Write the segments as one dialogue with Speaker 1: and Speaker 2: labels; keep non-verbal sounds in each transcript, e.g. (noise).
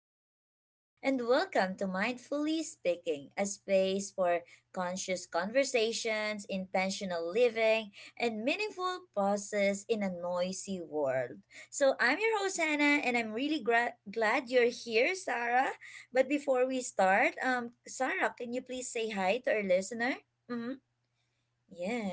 Speaker 1: with Sarah, and welcome to Mindfully Speaking, a space for conscious conversations, intentional living, and meaningful pauses in a noisy world. So, I'm your host Hannah, and I'm really glad you're here, Sarah. But before we start, Sarah, can you please say hi to our listener? hmm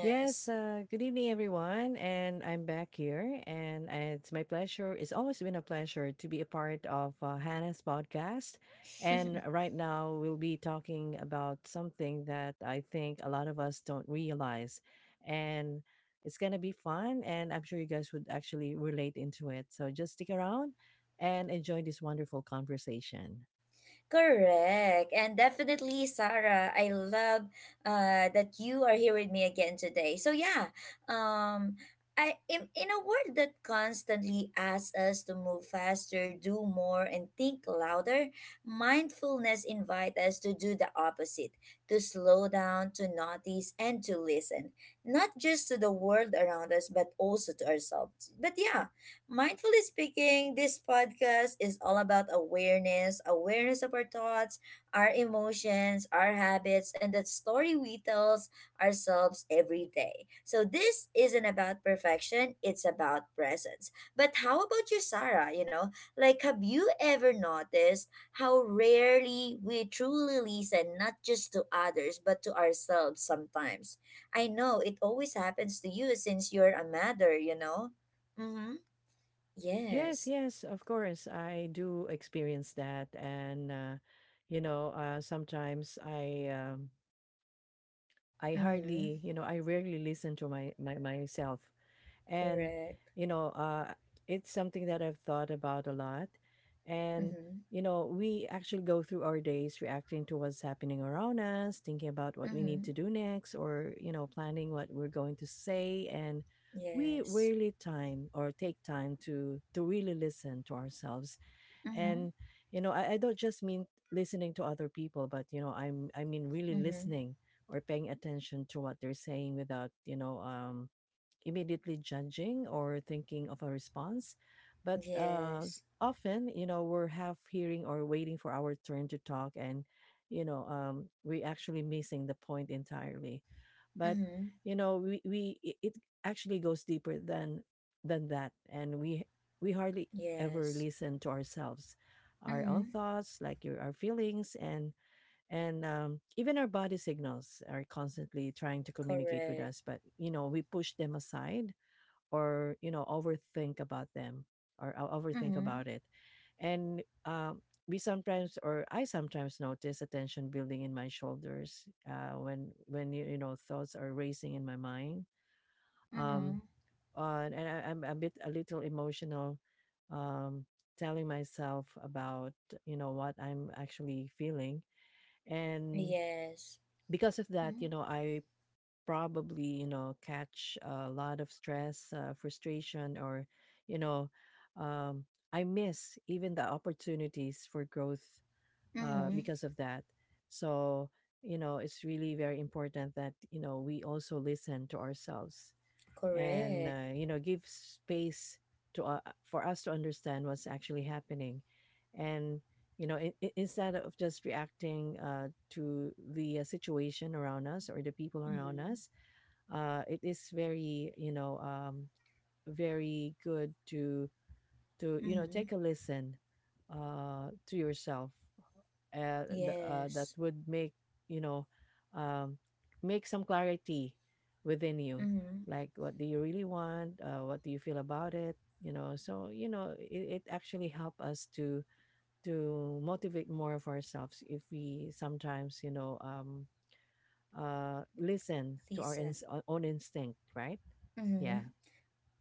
Speaker 2: Yes, good evening, everyone. And I'm back here. And it's my pleasure. It's always been a pleasure to be a part of Hannah's podcast. And
Speaker 1: (laughs)
Speaker 2: right now, we'll be talking about something that I think a lot of us don't realize. And it's going to be fun. And I'm sure you guys would actually relate into it. So just stick around and enjoy this wonderful conversation.
Speaker 1: Correct. And definitely, Sarah, I love that you are here with me again today. So, yeah, um, in a world that constantly asks us to move faster, do more, and think louder, mindfulness invites us to do the opposite to slow down, to notice, and to listen, not just to the world around us, but also to ourselves. But, yeah, Mindfully speaking, this podcast is all about awareness of our thoughts, our emotions, our habits, and the story we tell ourselves every day. So, this isn't about perfection, it's about presence. But how about you, Sarah? Have you ever noticed how rarely we truly listen, not just to others, but to ourselves sometimes? I know it always happens to you since you're a mother, you know? Mm hmm.
Speaker 2: Yes,
Speaker 1: Yes.
Speaker 2: yes, of course. I do experience that. And, sometimes I
Speaker 1: Mm-hmm.
Speaker 2: hardly, I rarely listen to my, my myself and
Speaker 1: Correct.
Speaker 2: you know uh, it's something that I've thought about a lot. And
Speaker 1: Mm-hmm.
Speaker 2: we actually go through our days reacting to what's happening around us, thinking about what we need
Speaker 1: Mm-hmm.
Speaker 2: to do next, or planning what we're going to say. And we
Speaker 1: Yes.
Speaker 2: rarely time or take time to really listen to ourselves.
Speaker 1: Mm-hmm.
Speaker 2: And I don't just mean listening to other people, but I mean really
Speaker 1: Mm-hmm.
Speaker 2: listening or paying attention to what they're saying without immediately judging or thinking of a response. But
Speaker 1: Yes.
Speaker 2: often, we're half hearing or waiting for our turn to talk, and, we're actually missing the point entirely. But,
Speaker 1: Mm-hmm.
Speaker 2: it actually goes deeper than that, and we hardly ever
Speaker 1: Yes.
Speaker 2: listen to ourselves, our own
Speaker 1: Mm-hmm.
Speaker 2: thoughts, like our feelings, and even our body signals are constantly trying to communicate with
Speaker 1: Correct.
Speaker 2: us, but we push them aside or overthink about them. or o- overthink
Speaker 1: Mm-hmm.
Speaker 2: about it And We sometimes, or I sometimes, notice a tension building in my shoulders when thoughts are racing in my mind. um,
Speaker 1: Mm-hmm.
Speaker 2: and I'm a little emotional, um, telling myself about what I'm actually feeling. And
Speaker 1: Yes.
Speaker 2: because of that,
Speaker 1: Mm-hmm.
Speaker 2: I probably, catch a lot of stress, frustration, or, you know, um, I miss even the opportunities for growth
Speaker 1: Mm-hmm.
Speaker 2: because of that. So, it's really very important that, we also listen to ourselves and
Speaker 1: Correct.
Speaker 2: give space to for us to understand what's actually happening, and instead of just reacting to the situation around us or the people around
Speaker 1: Mm-hmm.
Speaker 2: us. It is very, very good to you know
Speaker 1: Mm-hmm.
Speaker 2: take a listen to yourself. That
Speaker 1: Yes.
Speaker 2: would make, you know um, make some clarity within you,
Speaker 1: Mm-hmm.
Speaker 2: like what do you really want, what do you feel about it. So you know it, it actually help us to motivate more of ourselves if we sometimes, listen to our
Speaker 1: Listen.
Speaker 2: own instinct, right? Yeah.
Speaker 1: Mm-hmm.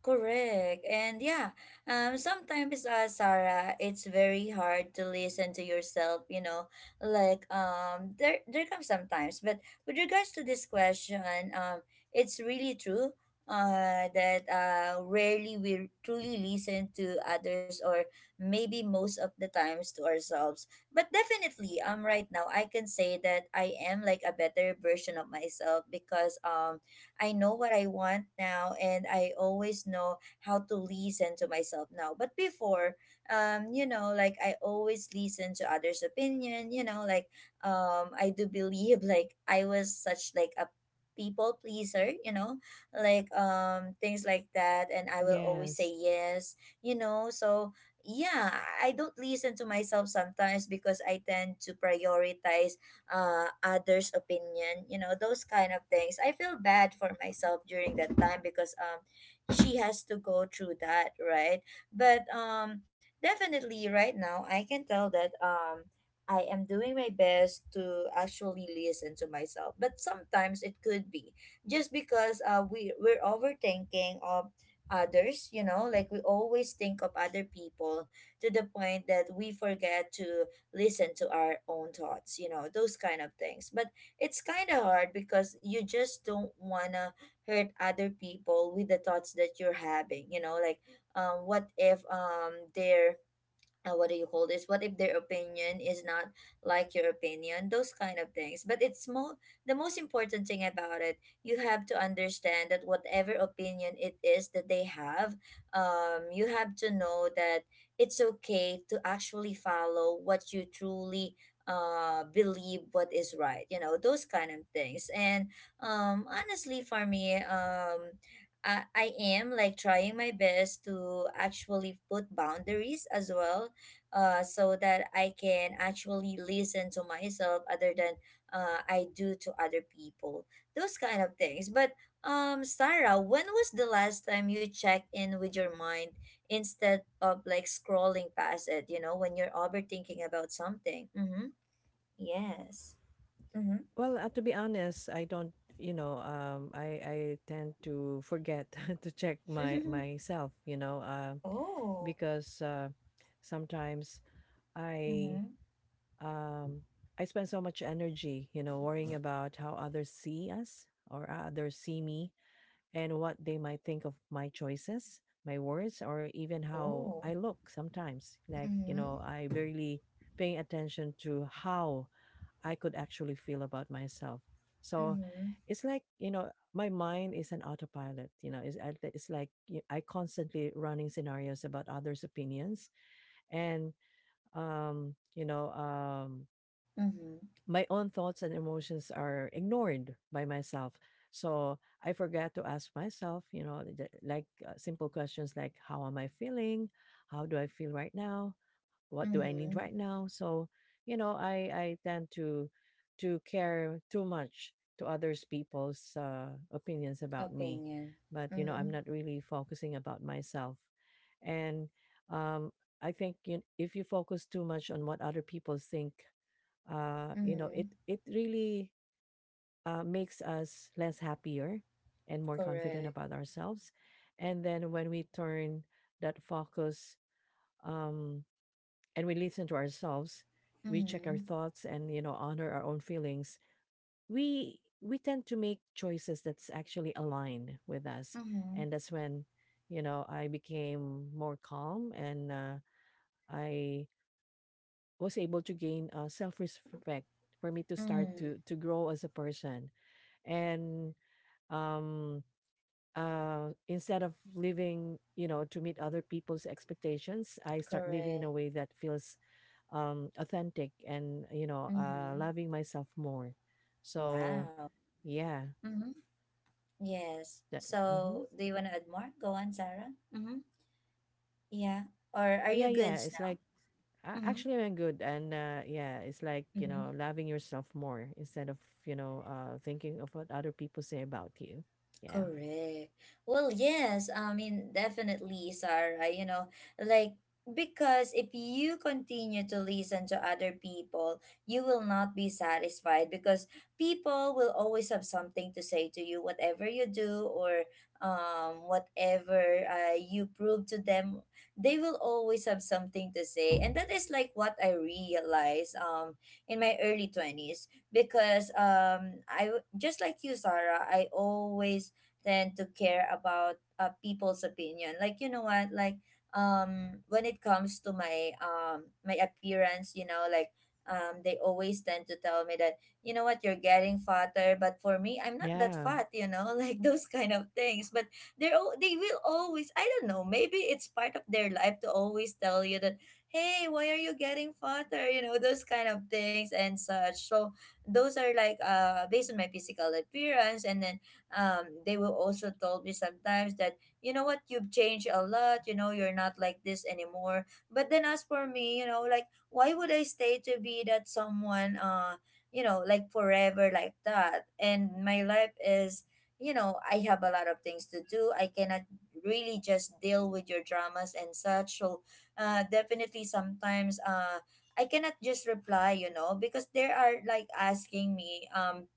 Speaker 1: Correct. And yeah, sometimes, Sarah, it's very hard to listen to yourself, you know, like, there comes sometimes, but with regards to this question, um, it's really true, rarely we truly listen to others or maybe most of the times to ourselves. But definitely, right now, I can say that I am like a better version of myself because, I know what I want now and I always know how to listen to myself now. But before, you know, like I always listen to others' opinion, you know, like I do believe (laughs) like I was such like a people pleaser, you know, like things like that and I will always say
Speaker 2: Yes.
Speaker 1: yes, you know. So yeah, I don't listen to myself sometimes because I tend to prioritize others' opinion, you know, those kind of things. I feel bad for myself during that time because she has to go through that, right? But definitely right now, I can tell that I am doing my best to actually listen to myself. But sometimes it could be just because we we're overthinking of others, you know, like we always think of other people to the point that we forget to listen to our own thoughts, you know, those kind of things. But it's kind of hard because you just don't want to hurt other people with the thoughts that you're having, you know, like what if they're what do you call this, what if their opinion is not like your opinion, those kind of things, but it's more the most important thing about it, you have to understand that whatever opinion it is that they have, you have to know that it's okay to actually follow what you truly believe what is right, you know, those kind of things. And honestly for me, I am like trying my best to actually put boundaries as well, so that I can actually listen to myself other than I do to other people. Those kind of things. But Sarah, when was the last time you checked in with your mind instead of like scrolling past it? You know, when you're overthinking about something. Mm-hmm. Yes. Mm-hmm.
Speaker 2: Well, to be honest, I don't, I tend to forget (laughs) to check my myself,
Speaker 1: (laughs) Oh.
Speaker 2: because sometimes I
Speaker 1: Mm-hmm.
Speaker 2: um I spend so much energy, you know, worrying about how others see us, or others see me, and what they might think of my choices, my words, or even how I
Speaker 1: Oh.
Speaker 2: look sometimes. Like, you know,
Speaker 1: Mm-hmm.
Speaker 2: I barely paying attention to how I could actually feel about myself. So
Speaker 1: Mm-hmm.
Speaker 2: it's like, you know, my mind is an autopilot, it's like I constantly running scenarios about others' opinions. And, um, you know, um,
Speaker 1: Mm-hmm.
Speaker 2: my own thoughts and emotions are ignored by myself. So I forget to ask myself, you know, simple questions like, how am I feeling? How do I feel right now? What do I need
Speaker 1: Mm-hmm.
Speaker 2: right now? So, you know, I tend to care too much to others people's opinions about me,
Speaker 1: Opinion.
Speaker 2: but you know,
Speaker 1: Mm-hmm.
Speaker 2: I'm not really focusing about myself. And um, I think, you, if you focus too much on what other people think,
Speaker 1: Mm-hmm.
Speaker 2: it it really makes us less happier and more confident
Speaker 1: Correct.
Speaker 2: about ourselves. And then when we turn that focus, um, and we listen to ourselves, we check our
Speaker 1: Mm-hmm.
Speaker 2: thoughts, and you know, honor our own feelings, we tend to make choices that's actually aligned with us.
Speaker 1: Mm-hmm.
Speaker 2: And that's when, you know, I became more calm, and I was able to gain self-respect for me to start
Speaker 1: Mm,
Speaker 2: to grow as a person. And um Instead of living, you know, to meet other people's expectations, I start living in a
Speaker 1: correct.
Speaker 2: way that feels authentic and,
Speaker 1: Mm-hmm.
Speaker 2: loving myself more. So
Speaker 1: Wow.
Speaker 2: yeah,
Speaker 1: Mm-hmm. Yes.
Speaker 2: that hmm
Speaker 1: So, do you want to add more? Go on, Sarah. Mm-hmm. Yeah. Or are you
Speaker 2: yeah, yeah.
Speaker 1: goods
Speaker 2: It's
Speaker 1: now?
Speaker 2: like,
Speaker 1: Mm-hmm.
Speaker 2: actually I'm good, and yeah, it's like you know, loving yourself more instead of, thinking of what other people say about you. Yeah,
Speaker 1: Correct. Well, yes, I mean, definitely, Sarah, you know, like, because if you continue to listen to other people, you will not be satisfied because people will always have something to say to you, whatever you do or whatever you prove to them, they will always have something to say. And that is like what I realized, in my early 20s, because just like you, Sarah, I always than to care about people's opinion, like you know what, like when it comes to my my appearance, you know, like they always tend to tell me that you know what, you're getting fatter, but for me I'm not that
Speaker 2: yeah.
Speaker 1: fat, you know, (laughs) like those kind of things. But they will always, I don't know, maybe it's part of their life to always tell you that, hey, why are you getting fatter, you know, those kind of things and such. So those are like based on my physical appearance. And then they will also told me sometimes that you know what, you've changed a lot, you know, you're not like this anymore. But then as for me, you know, like why would I stay to be that someone, you know, like forever, like that. And my life is, you know, I have a lot of things to do, I cannot really just deal with your dramas and such. So definitely sometimes I cannot just reply, you know, because they are like asking me,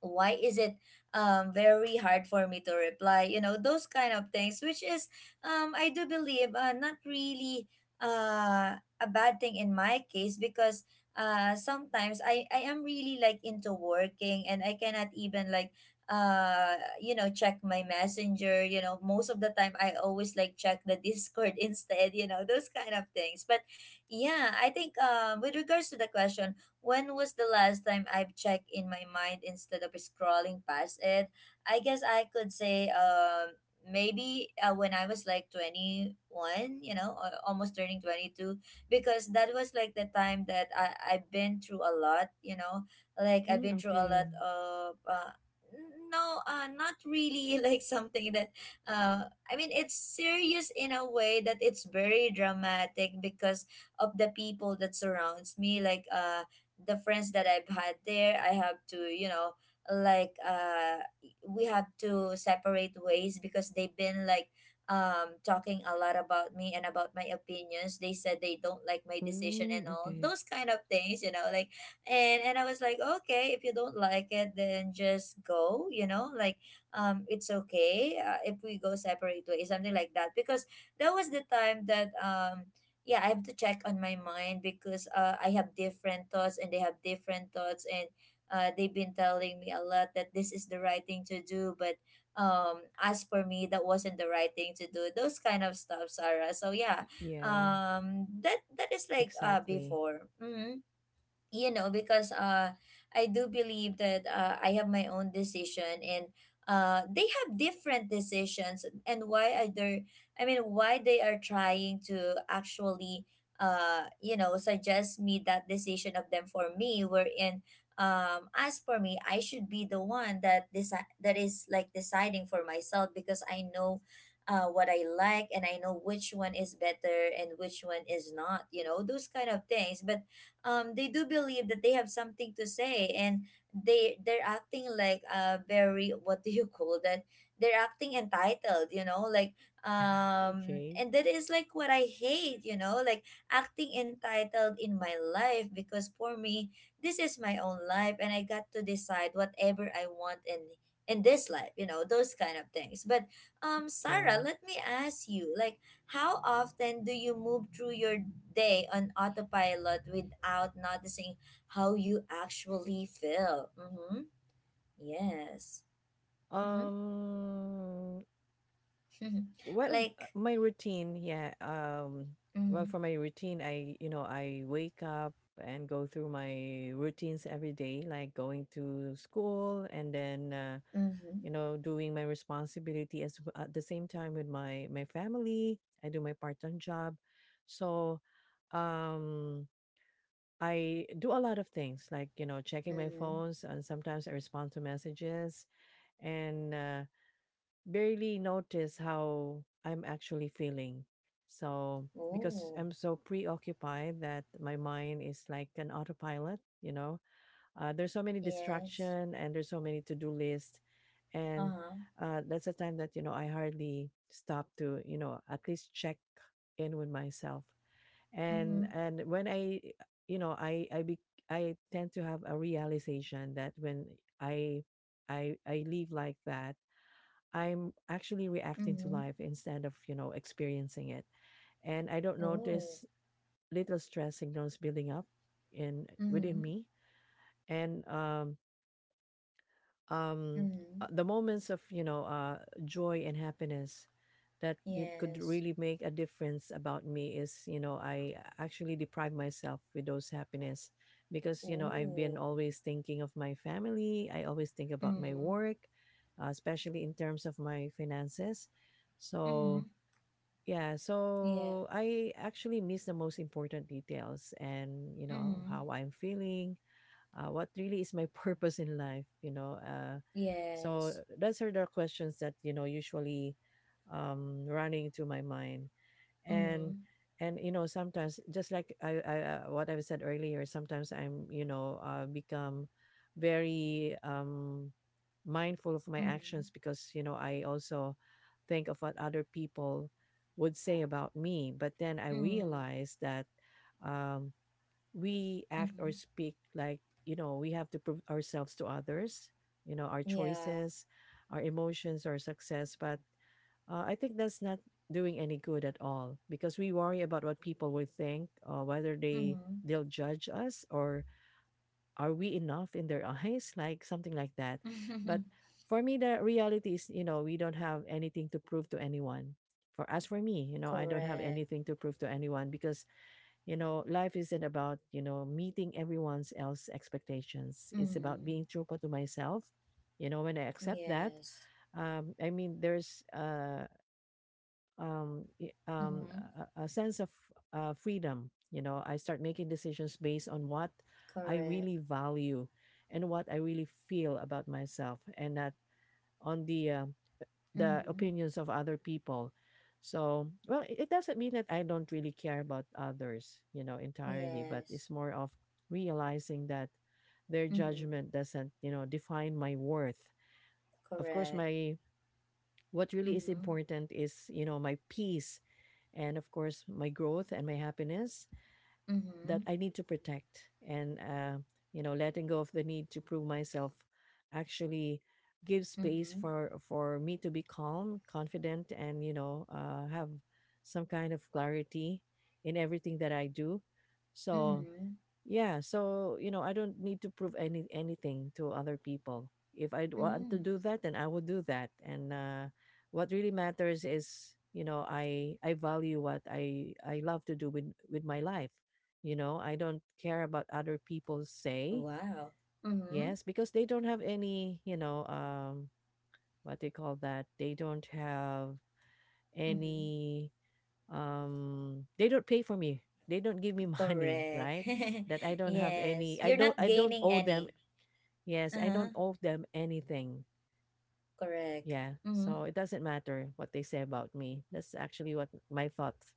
Speaker 1: why is it very hard for me to reply, you know, those kind of things. Which is, I do believe, not really a bad thing in my case, because sometimes I am really like into working and I cannot even like uh you know check my messenger, you know, most of the time I always like check the (laughs) discord instead, you know, those kind of things. But yeah, I think with regards to the question, when was the last time I've checked in my mind instead of scrolling past it? I guess I could say maybe when I was like 21, you know, or almost turning 22, because that was like the time that I've been through a lot, you know. Like I've
Speaker 2: Mm,
Speaker 1: been through a
Speaker 2: okay.
Speaker 1: lot of no, not really (laughs) like something that uh I mean it's serious in a way that it's very dramatic because of the people that surrounds me, like the friends that I've had there, I have to, you know, like we have to separate ways because they've been like talking a lot about me and about my opinions. They said they don't like my decision and
Speaker 2: Mm,
Speaker 1: all
Speaker 2: okay.
Speaker 1: those kind of things, you know, like, and I was like, okay, if you don't like it, then just go, you know, like it's okay, if we go separate ways, something like that, because that was the time that yeah, I have to check on my mind because I have different thoughts and they have different thoughts. And they've been telling me a lot that this is the right thing to do, but as for me, that wasn't the right thing to do. Those kind of stuff, Sarah. So yeah,
Speaker 2: Yeah.
Speaker 1: that is like
Speaker 2: Exactly.
Speaker 1: before. Mhm, you know, because I do believe that I have my own decision and they have different decisions. And why are they, I mean why they are trying to actually you know suggest me that decision of them for me, wherein as for me I should be the one that that is like deciding for myself, because I know what I like and I know which one is better and which one is not, you know, those kind of things. But they do believe that they have something to say, and they're acting like very what do you (laughs) call that, they're acting entitled, you know, like
Speaker 2: Okay.
Speaker 1: and that is like what I hate, you know, like acting entitled in my life, because for me this is my own life and I got to decide whatever I want and in this life, you know, those kind of things. But Sarah,
Speaker 2: Yeah.
Speaker 1: let me ask you, like how often do you move through your day on autopilot without noticing how you actually feel? Mm-hmm. Yes. Mm-hmm.
Speaker 2: Um,
Speaker 1: (laughs)
Speaker 2: what was
Speaker 1: Like,
Speaker 2: my routine? Yeah.
Speaker 1: mm-hmm.
Speaker 2: Well, for my routine, I, you know, I wake up and go through my routines every day, like going to school, and then,
Speaker 1: Mm-hmm.
Speaker 2: doing my responsibility as at the same time with my family. I do my part-time job. So, um, I do a lot of things, like, you know, checking my
Speaker 1: Mm-hmm.
Speaker 2: phones, and sometimes I respond to messages, and barely notice how I'm actually feeling. So, because
Speaker 1: Oh,
Speaker 2: I'm so preoccupied that my mind is like an autopilot, you know, there's so many
Speaker 1: yes.
Speaker 2: distraction, and there's so many to-do lists. And
Speaker 1: Uh-huh.
Speaker 2: that's the time that, you know, I hardly stop to, you know, at least check in with myself.
Speaker 1: Mm-hmm.
Speaker 2: And when I, you know, I, be, I tend to have a realization that when I, I live like that, I'm actually reacting to
Speaker 1: Mm-hmm.
Speaker 2: life instead of, you know, experiencing it. And I don't
Speaker 1: Oh.
Speaker 2: notice little stress signals building up in
Speaker 1: Mm-hmm.
Speaker 2: within me. And um
Speaker 1: Mm-hmm.
Speaker 2: the moments of, joy and happiness that it could
Speaker 1: Yes.
Speaker 2: really make a difference about me is, you know, I actually deprive myself with those happiness, because, you know, I've been
Speaker 1: Oh.
Speaker 2: always thinking of my family. I always think about my
Speaker 1: Mm-hmm.
Speaker 2: work, especially in terms of my finances.
Speaker 1: Mm-hmm.
Speaker 2: So yeah,
Speaker 1: Yeah.
Speaker 2: so I actually miss the most important details, and, you know,
Speaker 1: Mm-hmm.
Speaker 2: how I'm feeling, what really is my (laughs) purpose in life, you know. So
Speaker 1: Yes.
Speaker 2: those are the questions that, you know, usually running through my mind.
Speaker 1: Mm-hmm.
Speaker 2: And and you know sometimes, just like I what I said earlier, sometimes I'm, become very mindful of my
Speaker 1: Mm-hmm.
Speaker 2: actions, because you know, I also think of what other people would say about me. But then I
Speaker 1: Mm-hmm.
Speaker 2: realize that um we act or
Speaker 1: Mm-hmm.
Speaker 2: speak like, you know, we have to prove ourselves to others, you know, our
Speaker 1: Yeah.
Speaker 2: choices, our emotions, our success. But I think that's not doing any good at all, because we worry about what people will think, whether they
Speaker 1: Mm-hmm.
Speaker 2: they'll judge us, or are we enough in their (laughs) eyes, like something like that. But
Speaker 1: (laughs)
Speaker 2: for me, the reality is, you know, we don't have anything to prove to anyone. For as for me, you know, I don't have
Speaker 1: Correct.
Speaker 2: anything to prove to anyone, because you know life isn't about, you know, meeting everyone's else expectations. It's
Speaker 1: Mm-hmm.
Speaker 2: about being true to myself. You know, when I accept that,
Speaker 1: Yes.
Speaker 2: there's
Speaker 1: Mm-hmm.
Speaker 2: a sense of freedom. You know, I start making decisions based on what I
Speaker 1: Correct.
Speaker 2: really value and what I really feel about myself, and not on the
Speaker 1: Mm-hmm.
Speaker 2: opinions of other people. So, well, it doesn't mean that I don't really care about others, you know, entirely, but
Speaker 1: Yes.
Speaker 2: it's more of realizing that their
Speaker 1: Mm-hmm.
Speaker 2: judgment doesn't, you know, define my worth. Of course,
Speaker 1: Correct.
Speaker 2: my what really is
Speaker 1: Mm-hmm.
Speaker 2: important is, you know, my peace, and of course my growth and my happiness that
Speaker 1: Mm-hmm.
Speaker 2: I need to protect. And you know, letting go of the need to prove myself actually gives space
Speaker 1: Mm-hmm.
Speaker 2: for me to be calm, confident, and, have some kind of clarity in everything that I do. So
Speaker 1: Mm-hmm.
Speaker 2: yeah, so you know, I don't need to prove anything to other people. If I want
Speaker 1: Mm-hmm.
Speaker 2: to do that, then I will do that. And what really matters is, you know, I value what I love to do with my life. You know, I don't care about other people say.
Speaker 1: Wow. Mm-hmm.
Speaker 2: Yes, because they don't have any, what they call that. They don't have
Speaker 1: Mm-hmm.
Speaker 2: any they don't pay for me, they don't give me (laughs) money,
Speaker 1: Correct.
Speaker 2: right?
Speaker 1: (laughs)
Speaker 2: That I don't have
Speaker 1: Yes.
Speaker 2: any,
Speaker 1: You're not
Speaker 2: I don't
Speaker 1: gaining
Speaker 2: owe them.
Speaker 1: any.
Speaker 2: Yes, I don't
Speaker 1: Uh-huh.
Speaker 2: owe them anything.
Speaker 1: Correct.
Speaker 2: Yeah,
Speaker 1: Mm-hmm.
Speaker 2: so it doesn't matter what they say about me. That's actually what my thoughts.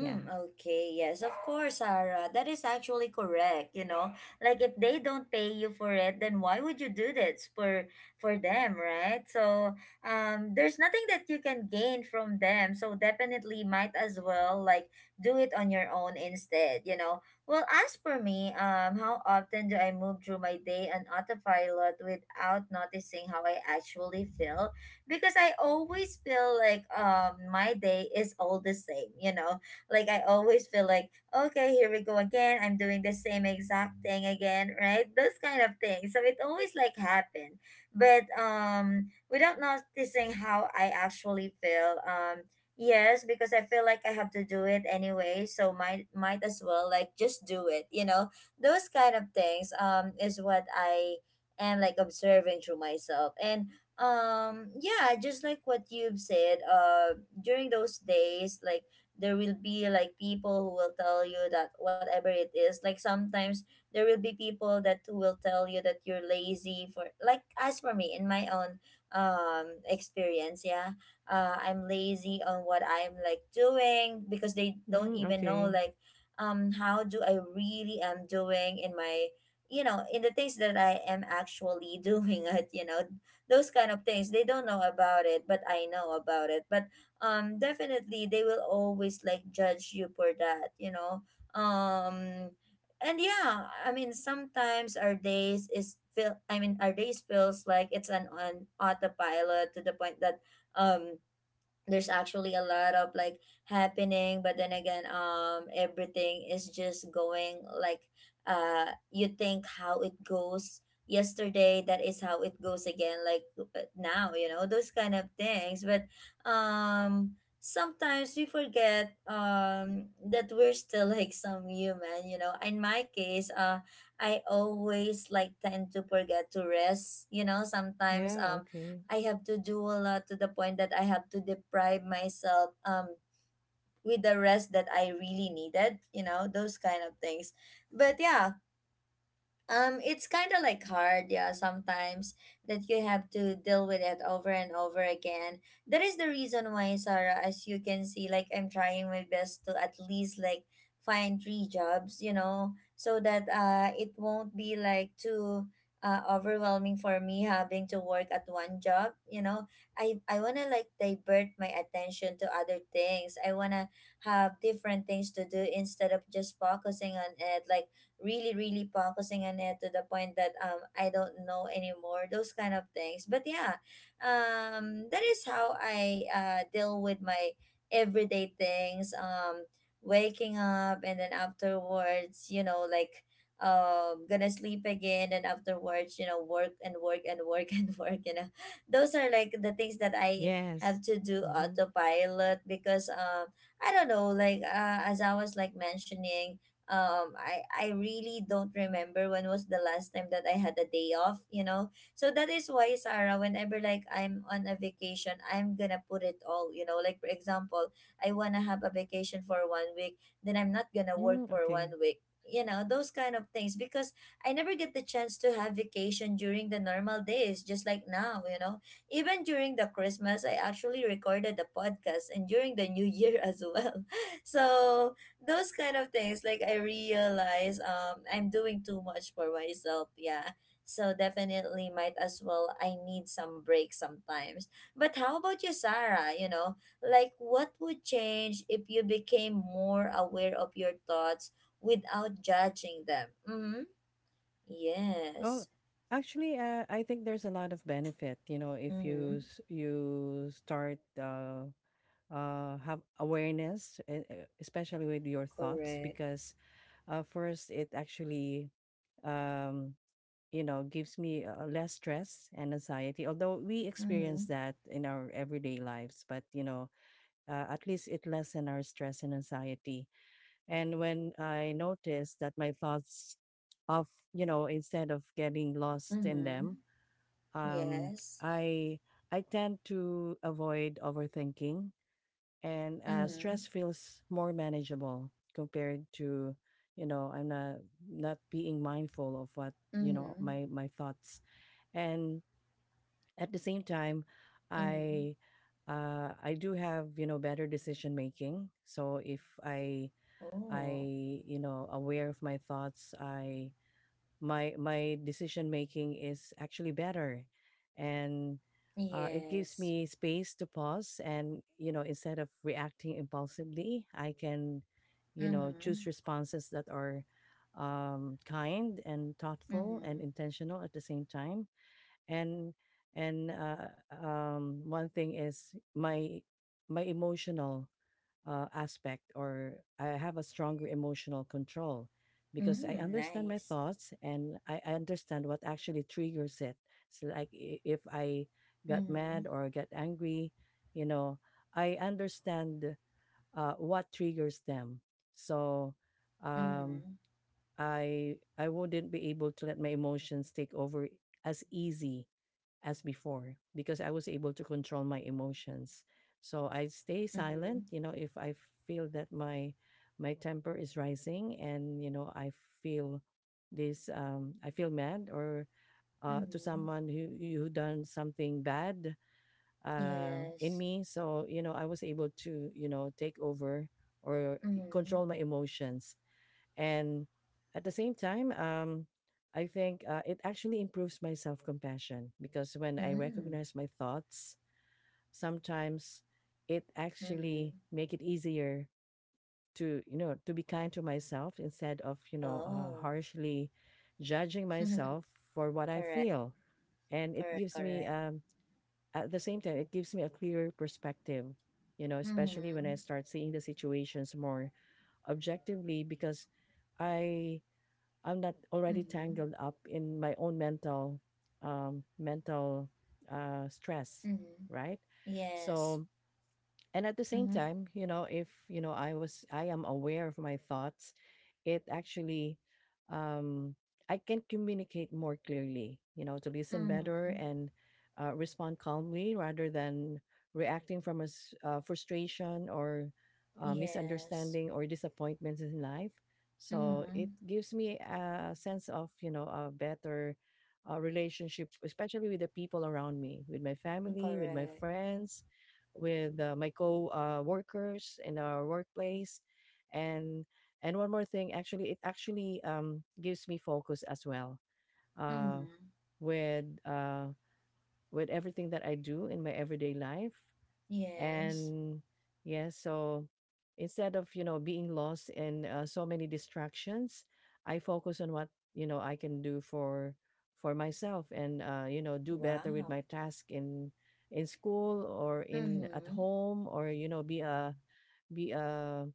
Speaker 2: Yeah.
Speaker 1: okay, yes, of course, Sarah. That is actually correct, you know. Like if they don't pay you for it, then why would you do this for them, right? So, there's nothing that you can gain from them. So definitely might as well do it on your own instead, you know. Well, as for me, how often do I move through my day on autopilot without noticing how I actually feel? Because I always feel like my day is all the same, you know, like I always feel like, okay, here we go again. I'm doing the same exact thing again, right? Those kind of things. So it always like happen. But without noticing how I actually feel, yes, because I feel like I have to do it anyway, so might as well like just do it, you know? Those kind of things is what I am like observing through myself. And yeah, just like what you've said, during those days, like there will be like people who will tell you that whatever it is, like sometimes there will be people that who will tell you that you're lazy, for like as for me in my own experience, yeah, I'm lazy on what I'm like doing because they don't
Speaker 2: Mm,
Speaker 1: even know,
Speaker 2: okay.
Speaker 1: like how do I really am doing in my, you know, in the things that I am actually (laughs) doing it, you know. Those kind of things they don't know about it, but I know about it. But definitely they will always like judge you for that, you know. um and yeah, I mean sometimes our days is feel I mean our days feels like it's an on autopilot to the point that um there's actually a lot of like happening, but then again, everything is just going like, you think how it goes yesterday, that is how it goes again, like now, you know, those kind of things. But um sometimes we forget that we're still (laughs) like some human, you know. In my case, I always like tend to forget to rest, you know, sometimes.
Speaker 2: Yeah, okay.
Speaker 1: I have to do a lot to the point that I have to deprive myself with the rest that I really needed, you know, those kind of things. But yeah, it's kind of like hard, yeah, sometimes that you have to deal with it over and over again. That is the reason why, Sarah, as you can see, like I'm trying my best to at least like find three jobs, you know, so that it won't be like too overwhelming for me having to work at one job, you know. I wanna like divert my attention to other things. I wanna have different things to do instead of just focusing on it, like really focusing on it to the point that I don't know anymore, those kind of things. But yeah, that is how I deal with my everyday things. Waking up, and then afterwards, you know, like gonna sleep again, and afterwards, you know, work and work and work (laughs) and work, you know. Those are like the things that I
Speaker 2: Yes.
Speaker 1: have to do
Speaker 2: Mm-hmm.
Speaker 1: autopilot, because I don't know, like as I was like mentioning, um, I really don't remember when was the last time that I had a day off, you know. So that is why, Sarah, whenever like I'm on a vacation I'm gonna put it all, you know, like for example, I wanna have a vacation for one week, then I'm not gonna work
Speaker 2: Mm,
Speaker 1: for
Speaker 2: okay.
Speaker 1: one week, you know, those kind of things, because I never get the chance to have vacation during the normal days, just like now, you know. Even during the Christmas I actually recorded the podcast, and during the New Year (laughs) as well. So those kind of things, like I realize I'm doing too much for myself, yeah. So definitely might as well, I need some break sometimes. But how about you, Sarah, you know, like what would change if you became more aware of your thoughts without judging them? Mm-hmm.
Speaker 2: Oh,
Speaker 1: Yes.
Speaker 2: actually, I think there's a lot of benefit, you know, if
Speaker 1: Mm-hmm.
Speaker 2: you s- you start have awareness, especially with your thoughts,
Speaker 1: Correct.
Speaker 2: because first it actually, um, you know, gives me less stress and anxiety. Although we experience
Speaker 1: Mm-hmm.
Speaker 2: that in our everyday lives, but you know, at least it lessen our stress and anxiety. And when I notice that my thoughts, of you know, instead of getting lost in
Speaker 1: Mm-hmm.
Speaker 2: them, um,
Speaker 1: Yes.
Speaker 2: I I tend to avoid overthinking and
Speaker 1: Mm-hmm.
Speaker 2: stress feels more manageable compared to, you know, I'm not, not being mindful of what, you know,
Speaker 1: Mm-hmm.
Speaker 2: my thoughts. And at the same time,
Speaker 1: Mm-hmm.
Speaker 2: I I do have, you know, better decision making. So if I, I,
Speaker 1: Oh,
Speaker 2: you know, aware of my thoughts, I, my decision making is actually better. And it gives
Speaker 1: yes.
Speaker 2: me space to pause and, you know, instead of reacting impulsively, I can, you know,
Speaker 1: Mm-hmm.
Speaker 2: choose responses that are kind and thoughtful and
Speaker 1: Mm-hmm.
Speaker 2: intentional at the same time. And and one thing is my my emotional aspect, or I have a stronger emotional control because I
Speaker 1: Mm,
Speaker 2: understand my
Speaker 1: nice.
Speaker 2: thoughts and I understand what actually triggers it. So like, if I got
Speaker 1: Mm-hmm.
Speaker 2: mad or get angry, you know, I understand what triggers them. So um,
Speaker 1: Mm-hmm.
Speaker 2: I wouldn't be able to let my emotions take over as easy as before, because I was able to control my emotions. So I stay silent,
Speaker 1: Mm-hmm.
Speaker 2: you know, if I feel that my temper is rising, and you know I feel this I feel mad or to
Speaker 1: Mm-hmm.
Speaker 2: someone who done something bad in
Speaker 1: Yes.
Speaker 2: me. So, you know, I was able to, you know, take over or
Speaker 1: Mm-hmm.
Speaker 2: control my emotions. And at the same time, I think it actually improves my self compassion, because when I
Speaker 1: Mm-hmm.
Speaker 2: recognize my thoughts, sometimes it actually
Speaker 1: Mm-hmm.
Speaker 2: make it easier to, you know, to be kind to myself instead of, you know,
Speaker 1: Oh.
Speaker 2: harshly judging
Speaker 1: (laughs) Correct.
Speaker 2: myself for what I feel. And it
Speaker 1: Correct.
Speaker 2: gives me
Speaker 1: Correct.
Speaker 2: at the same time it gives me a clearer perspective, you know, especially when I
Speaker 1: Mm-hmm.
Speaker 2: start seeing the situations more objectively, because I I'm not already
Speaker 1: Mm-hmm.
Speaker 2: tangled up in my own mental um mental stress,
Speaker 1: Mm-hmm.
Speaker 2: right?
Speaker 1: Yes.
Speaker 2: So and at the same
Speaker 1: Mm-hmm.
Speaker 2: time, you know, if you know I am aware of my thoughts, it actually, um I can communicate more clearly, you know, to listen better
Speaker 1: Mm-hmm.
Speaker 2: and respond calmly rather than reacting from frustration or
Speaker 1: Yes.
Speaker 2: misunderstanding or disappointments in life. So it
Speaker 1: Mm-hmm.
Speaker 2: gives me a sense of, you know, a better relationship, especially with the people around me, with my family, with my
Speaker 1: Correct.
Speaker 2: friends, with my co workers in our workplace. and and one more thing, actually it actually, gives me focus as well, uh,
Speaker 1: Mm-hmm.
Speaker 2: with uh, with everything that I do in my everyday life.
Speaker 1: Yes.
Speaker 2: And yeah, so instead of, you know, being lost in so many distractions, I focus on what, you know, I can do for myself, and you know, do better with my
Speaker 1: Wow.
Speaker 2: task in school or in at
Speaker 1: Mm-hmm.
Speaker 2: home, or you know, be a be a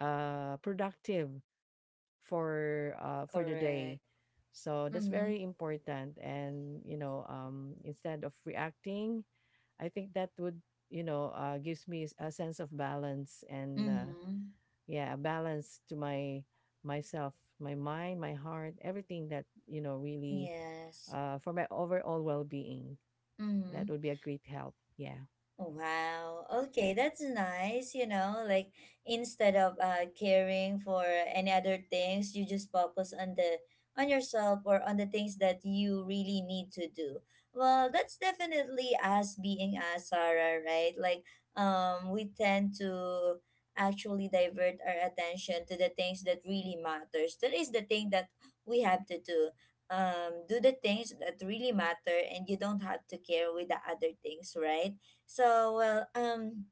Speaker 2: uh productive for the day.
Speaker 1: Correct.
Speaker 2: So that's
Speaker 1: Mm-hmm.
Speaker 2: very important. And you know, instead of reacting, I think that would, you know, gives me a sense of balance and
Speaker 1: Mm-hmm.
Speaker 2: yeah, a balance to my myself, my mind, my heart, everything that you know really
Speaker 1: Yes.
Speaker 2: for my overall well-being.
Speaker 1: Mm-hmm.
Speaker 2: That would be a great help. Yeah.
Speaker 1: Oh, wow. Okay, that's nice. You know, like instead of caring for any other things, you just focus on the on yourself, or on the things that you really need to do. Well, that's definitely us being us, Sarah, right? Like we tend to actually divert our attention to the things that really matters. That is the thing that we have to do. Do the things that really matter, and you don't have to care with the other things, right? So, well,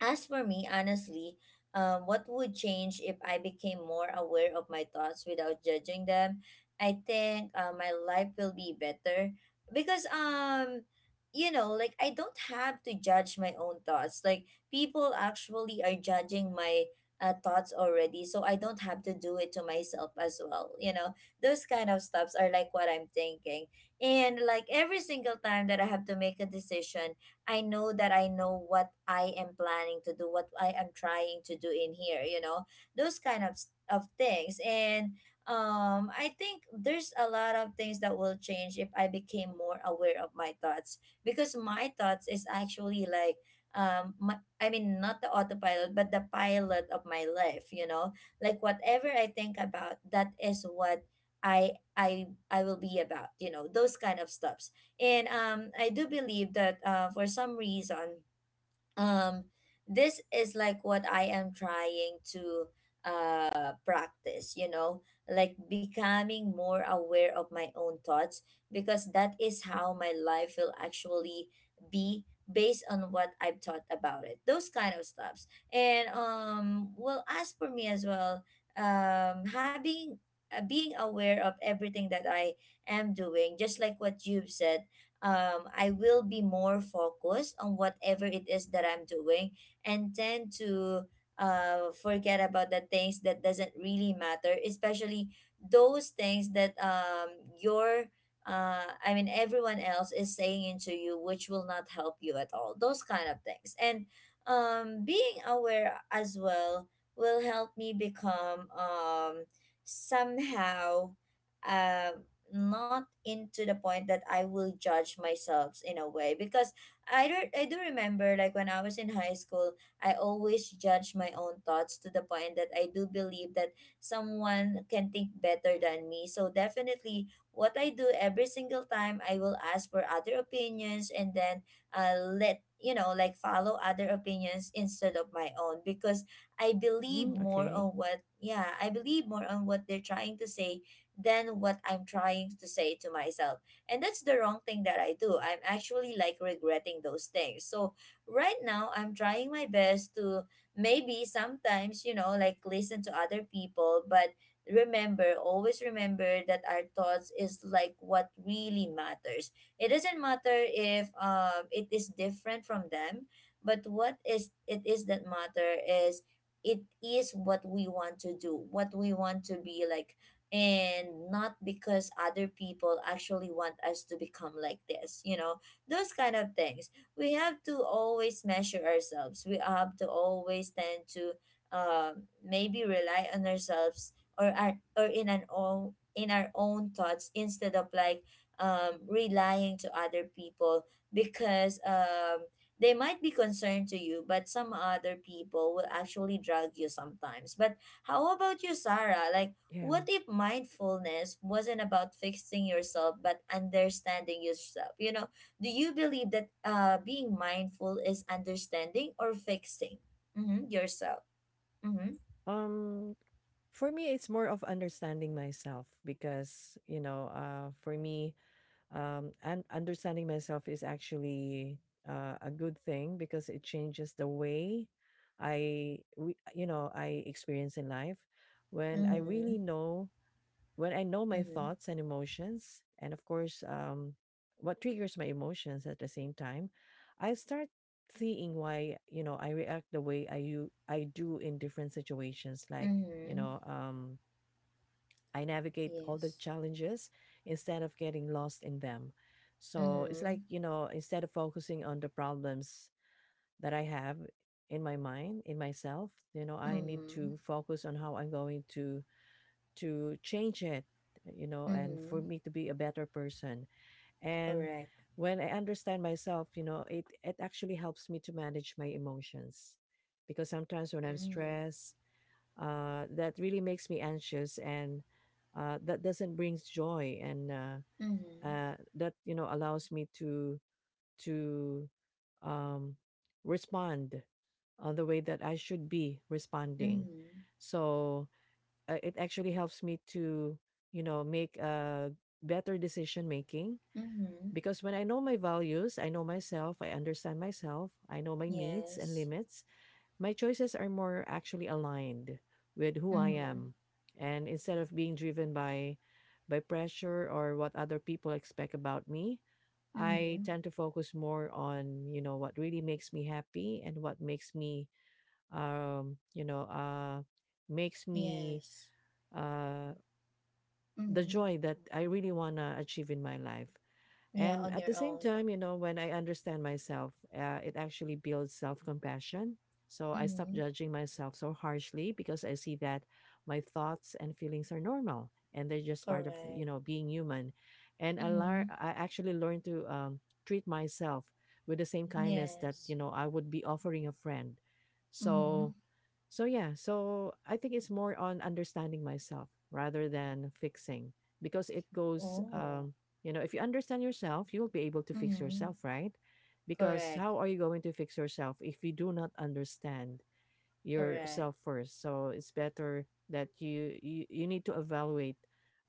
Speaker 1: as for me, honestly, what would change if I became more aware of my thoughts without judging them? I think my life will be better because, you know, like I don't have to judge my own thoughts. Like people actually are judging my thoughts already, so I don't have to do it to myself as well. You know, those kind of stuffs are like what I'm thinking, and like every single time that I have to make a decision, I know that I know what I am planning to do, what I am trying to do in here, you know, those kind of of things. And I think there's a lot of things that will change if I became more aware of my thoughts, because my thoughts is actually like I mean not the autopilot but the pilot of my life, you know, like whatever I think about, that is what I will be about, you know, those kind of stuff. And I do believe that for some reason, um, this is like what I am trying to practice, you know, like becoming more aware of my own thoughts, because that is how my life will actually be based on what I've thought about it. Those kind of stuffs. And well, as for me as well, having being aware of everything that I am doing, just like what you've said, I will be more focused on whatever it is that I'm doing, and tend to forget about the things that doesn't really matter, especially those things that your I mean everyone else is saying into you, which will not help you at all. Those kind of things. And being aware as well will help me become somehow. Um, not into the point that I will judge myself in a way, because I do remember like when I was in high school I always judge my own thoughts to the point that I do believe that someone can think better than me, so definitely what I do every single time, I will ask for other opinions, and then let you know, like follow other opinions instead of my own, because I believe
Speaker 2: Mm,
Speaker 1: more
Speaker 2: okay.
Speaker 1: on what, yeah, I believe more on what they're trying to say than what I'm trying to say to myself. And that's the wrong thing that I do. I'm actually like regretting those things. So right now, I'm trying my best to maybe sometimes, you know, like listen to other people, but remember, always remember that our thoughts is like what really matters. It doesn't matter if it is different from them, but what is it is that matter is it is what we want to do, what we want to be like, and not because other people actually want us to become like this, you know, those kind of things. We have to always measure ourselves, we have to always tend to maybe rely on ourselves, or in an own, in our own thoughts, instead of like relying to other people, because they might be concerned to you, but some other people will actually drag you sometimes. But how about you, Sarah, like what
Speaker 2: Yeah.
Speaker 1: if mindfulness wasn't about fixing yourself but understanding yourself? You know, do you believe that being mindful is understanding or fixing, mm-hmm, yourself? Mm-hmm.
Speaker 2: Um, for me, it's more of understanding myself because you know, for me, and understanding myself is actually a good thing, because it changes the way you know, I experience in life. When I
Speaker 1: Mm-hmm.
Speaker 2: really know, when I know my
Speaker 1: Mm-hmm.
Speaker 2: thoughts and emotions, and of course, what triggers my emotions at the same time, I start seeing why, you know, I react the way I do in different situations, like you
Speaker 1: Mm-hmm.
Speaker 2: know, I navigate all the
Speaker 1: Yes.
Speaker 2: challenges instead of getting lost in them. So it's
Speaker 1: Mm-hmm.
Speaker 2: like, you know, instead of focusing on the problems that I have in my mind, in myself, you know, I need
Speaker 1: Mm-hmm.
Speaker 2: to focus on how I'm going to change it, you know, and for
Speaker 1: Mm-hmm.
Speaker 2: me to be a better person. And
Speaker 1: Correct.
Speaker 2: when I understand myself, you know, it actually helps me to manage my emotions, because sometimes when I'm
Speaker 1: Mm-hmm.
Speaker 2: stressed, that really makes me anxious, and that doesn't bring joy. And
Speaker 1: Mm-hmm.
Speaker 2: that, you know, allows me to um, respond on the way that I should be responding.
Speaker 1: Mm-hmm.
Speaker 2: So it actually helps me to, you know, make a better decision making,
Speaker 1: Mm-hmm.
Speaker 2: because when I know my values, I know myself, I understand myself, I know my needs and
Speaker 1: Yes.
Speaker 2: limits, my choices are more actually aligned with who I
Speaker 1: Mm-hmm.
Speaker 2: am. And instead of being driven by pressure or what other people expect about me, I
Speaker 1: Mm-hmm.
Speaker 2: tend to focus more on, you know, what really makes me happy and what makes me you know, makes me
Speaker 1: Yes.
Speaker 2: uh the
Speaker 1: Mm-hmm.
Speaker 2: joy that I really want to achieve in my life.
Speaker 1: Yeah,
Speaker 2: And
Speaker 1: on
Speaker 2: at the
Speaker 1: your
Speaker 2: same
Speaker 1: own.
Speaker 2: time, you know, when I understand myself, it actually builds self compassion. So I stop
Speaker 1: Mm-hmm.
Speaker 2: judging myself so harshly, because I see that my thoughts and feelings are normal, and they're just part of, you
Speaker 1: Correct.
Speaker 2: know, being human. And
Speaker 1: Mm-hmm.
Speaker 2: I actually learn to treat myself with the same kindness that, you
Speaker 1: Yes.
Speaker 2: know, I would be offering a friend.
Speaker 1: Mm-hmm.
Speaker 2: So, so yeah, so I think it's more on understanding myself rather than fixing, because it goes,
Speaker 1: Oh.
Speaker 2: you know, if you understand yourself, you'll be able to fix
Speaker 1: Mm-hmm.
Speaker 2: yourself, right? Because
Speaker 1: Correct.
Speaker 2: how are you going to fix yourself if you do not understand
Speaker 1: Correct.
Speaker 2: yourself first? So it's better that you need to evaluate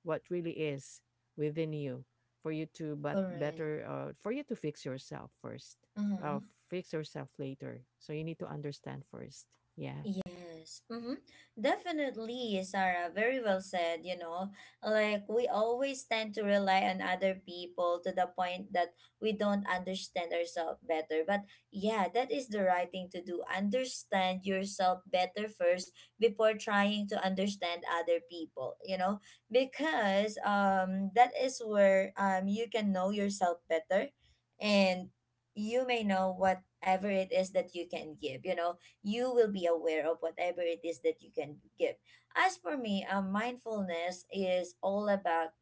Speaker 2: what really is within you for you to but
Speaker 1: Correct.
Speaker 2: better, for you to fix yourself first.
Speaker 1: Uh-huh.
Speaker 2: Uh, fix yourself later. So you need to understand first. Yeah.
Speaker 1: Yes, mm-hmm. Definitely, Sarah. Very well said, you know. Like, we always tend to rely on other people to the point that we don't understand ourselves better. But yeah, that is the right thing to do. Understand yourself better first before trying to understand other people, you know, because that is where you can know yourself better and you may know whatever it is that you can give, you will be aware of whatever it is that you can give. As for me, mindfulness is all about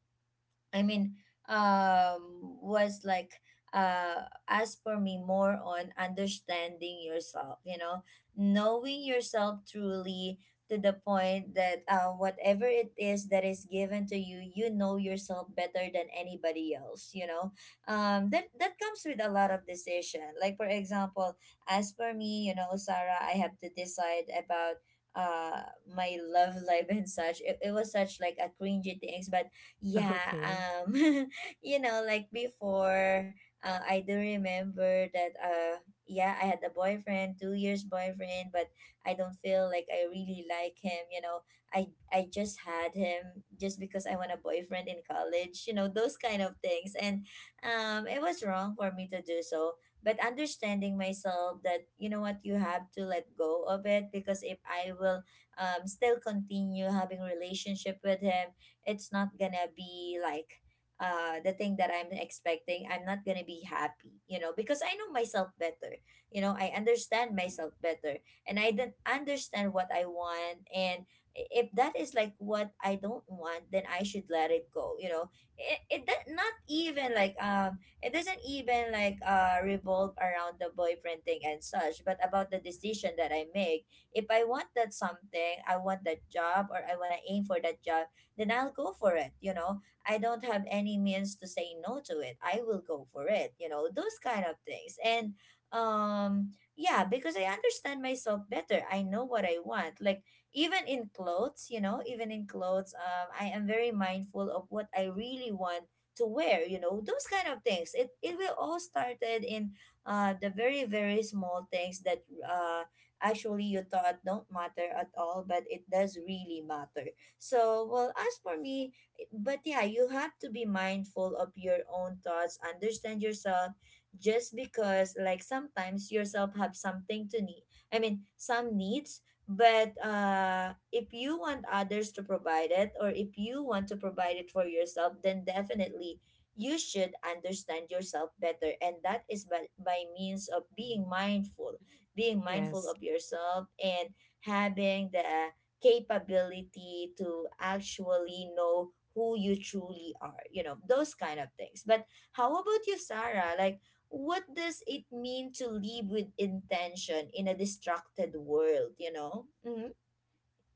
Speaker 1: I mean, was like, as for me, more on understanding yourself, you know, knowing yourself truly to the point that whatever it is that is given to you, you know yourself better than anybody else, you know. That comes with a lot of decision. Like, for example, as for me, you know, Sarah, I have to decide about uh my love life and such. It was such like a cringy things but
Speaker 2: (laughs)
Speaker 1: yeah,
Speaker 2: Okay.
Speaker 1: (laughs) you know, like before, I do remember that, yeah, I had a boyfriend, 2 years boyfriend, but I don't feel like I really like him. You know, I I just had him just because I want a boyfriend in college. You know, those kind of things, and it was wrong for me to do so. But understanding myself that you know what, you have to let go of it, because if I will still continue having relationship with him, it's not gonna be like the thing that I'm expecting. I'm not gonna be happy, you know, because I know myself better. You know, I understand myself better, and I don't understand what I want. And if that is like what I don't want, then I should let it go, you know. It that not even like it doesn't even like revolve around the boyfriend thing and such, but about the decision that I make. If I want that something, I want that job, or I want to aim for that job, then I'll go for it. You know, I don't have any means to say no to it. I will go for it. You know, those kind of things. And yeah, because I understand myself better. I know what I want. Like even in clothes, you know, even in clothes, I am very mindful of what I really want to wear. You know, those kind of things. It will all started in the very very small things that uh actually you thought don't matter at all, but it does really matter. So, well, as for me, but yeah, you have to be mindful of your own thoughts, understand yourself, just because like sometimes yourself have something to need. I mean, some needs, but if you want others to provide it or if you want to provide it for yourself, then definitely you should understand yourself better, and that is by, means of
Speaker 2: Mm.
Speaker 1: being mindful
Speaker 2: Yes.
Speaker 1: of yourself and having the capability to actually know who you truly are, you know, those kind of things. But how about you, Sarah? Like, what does it mean to live with intention in a distracted world, you know? Mm-hmm.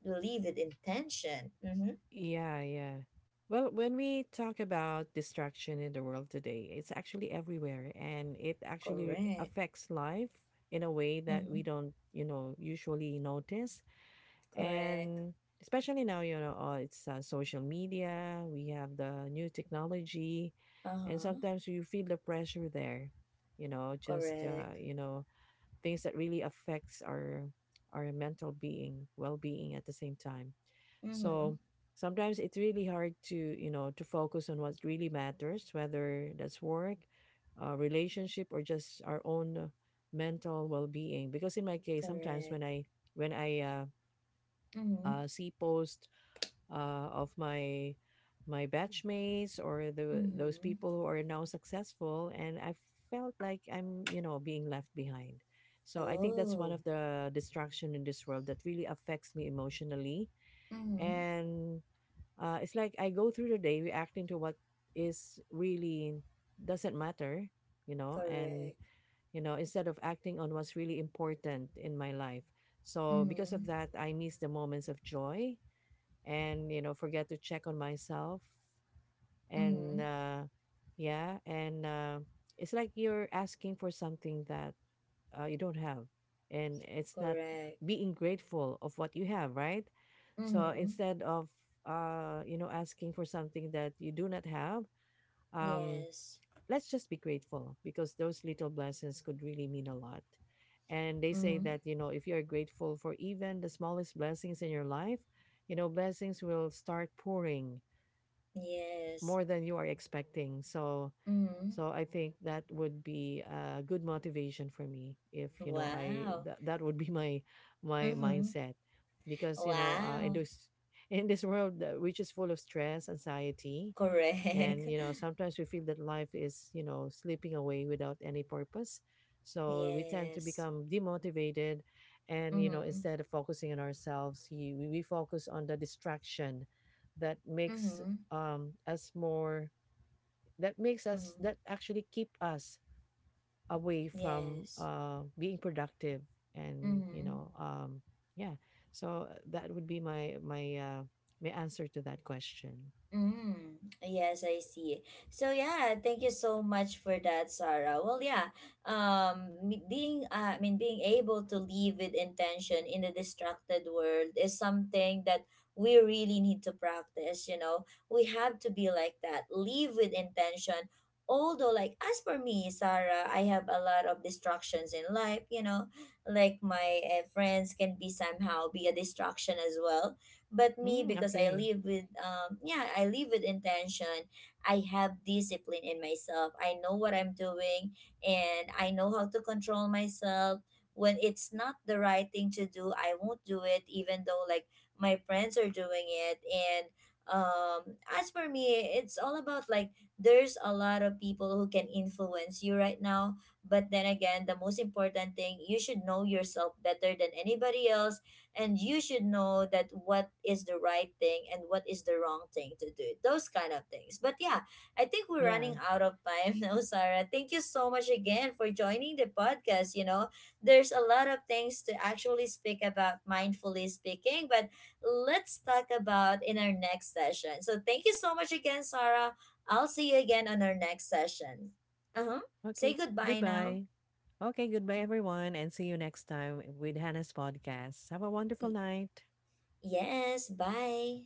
Speaker 1: Live with intention. Mm-hmm.
Speaker 2: Yeah, yeah. Well, when we talk about distraction in the world today, it's actually everywhere, and it actually
Speaker 1: Correct.
Speaker 2: affects life in a way that we
Speaker 1: Mm-hmm.
Speaker 2: don't, you know, usually notice.
Speaker 1: Correct.
Speaker 2: And especially now, you know, it's social media, we have the new technology, and
Speaker 1: Uh-huh.
Speaker 2: sometimes you feel the pressure there, you know, just,
Speaker 1: Correct.
Speaker 2: you know, things that really affects our mental being well-being at the same time.
Speaker 1: Mm-hmm.
Speaker 2: So sometimes it's really hard to, you know, to focus on what really matters, whether that's work, relationship, or just our own mental well-being. Because in my case, sometimes
Speaker 1: Correct.
Speaker 2: when i when i uh,
Speaker 1: Mm-hmm.
Speaker 2: uh, see posts of my batchmates or the those
Speaker 1: Mm-hmm.
Speaker 2: people who are now successful, and I felt like I'm, you know, being left behind. So I think that's one
Speaker 1: Oh.
Speaker 2: of the distraction in this world that really affects me emotionally.
Speaker 1: Mm-hmm.
Speaker 2: And it's like I go through the day reacting to what is really doesn't matter, you know, and
Speaker 1: Correct.
Speaker 2: you know, instead of acting on what's really important in my life. So because
Speaker 1: Mm-hmm.
Speaker 2: of that, I miss the moments of joy and, you know, forget to check on myself.
Speaker 1: Mm-hmm.
Speaker 2: And yeah and uh it's like you're asking for something that you don't have, and it's not
Speaker 1: Correct.
Speaker 2: being grateful of what you have, right? So
Speaker 1: Mm-hmm.
Speaker 2: instead of, you know, asking for something that you do not have, um
Speaker 1: Yes.
Speaker 2: let's just be grateful, because those little blessings could really mean a lot. And they say
Speaker 1: Mm-hmm.
Speaker 2: that, you know, if you're grateful for even the smallest blessings in your life, you know, blessings will start pouring
Speaker 1: Yes.
Speaker 2: more than you are expecting. So,
Speaker 1: Mm-hmm.
Speaker 2: so I think that would be a good motivation for me if, you know,
Speaker 1: Wow.
Speaker 2: that would be (laughs) my
Speaker 1: Mm-hmm.
Speaker 2: mindset, because, you know, in
Speaker 1: Wow.
Speaker 2: this, (laughs) in this world which is full of stress, anxiety,
Speaker 1: Correct. (laughs)
Speaker 2: and you know sometimes we feel that life is, you know, slipping away without any purpose, so we tend to
Speaker 1: Yes.
Speaker 2: become demotivated. And you know
Speaker 1: Mm-hmm.
Speaker 2: instead of focusing on ourselves, we focus on the distraction that makes
Speaker 1: Mm-hmm.
Speaker 2: um us more us
Speaker 1: Mm-hmm.
Speaker 2: that actually keep us away from
Speaker 1: Yes.
Speaker 2: being productive. And you
Speaker 1: Mm-hmm.
Speaker 2: know, yeah, so that would be my my answer to that question.
Speaker 1: Mm, yes, I see. So yeah, thank you so much for that, Sarah. Well, yeah, me- being I mean, being able to live with intention in a distracted world is something that we really need to practice. You know, we have to be like that. Live with intention. Although, like as for me, Sarah, I have a lot of distractions in life. You know, like my friends can be somehow be a distraction as well, but me,
Speaker 2: Mm,
Speaker 1: because I
Speaker 2: okay.
Speaker 1: live with, yeah, I live with intention. I have discipline in myself. I know what I'm doing, and I know how to control myself. When it's not the right thing to do, I won't do it, even though like my friends are doing it. And as for me, it's all about like there's a lot of people who can influence you right now. But then again, the most important thing, you should know yourself better than anybody else, and you should know that what is the right thing and what is the wrong thing to do, those kind of things. But yeah, I think we're
Speaker 2: Yeah.
Speaker 1: running out of time (laughs) now, Sarah. Thank you so much again for joining the podcast, you know, there's a lot of things to actually speak about mindfully speaking, but let's talk about in our next session. So thank you so much again, Sarah. I'll see you again on our next session. Uh-huh. Say
Speaker 2: Okay,
Speaker 1: goodbye now.
Speaker 2: goodbye. Okay, goodbye, everyone, and see you next time with Hannah's podcast. Have a wonderful
Speaker 1: Y-
Speaker 2: night.
Speaker 1: yes, bye.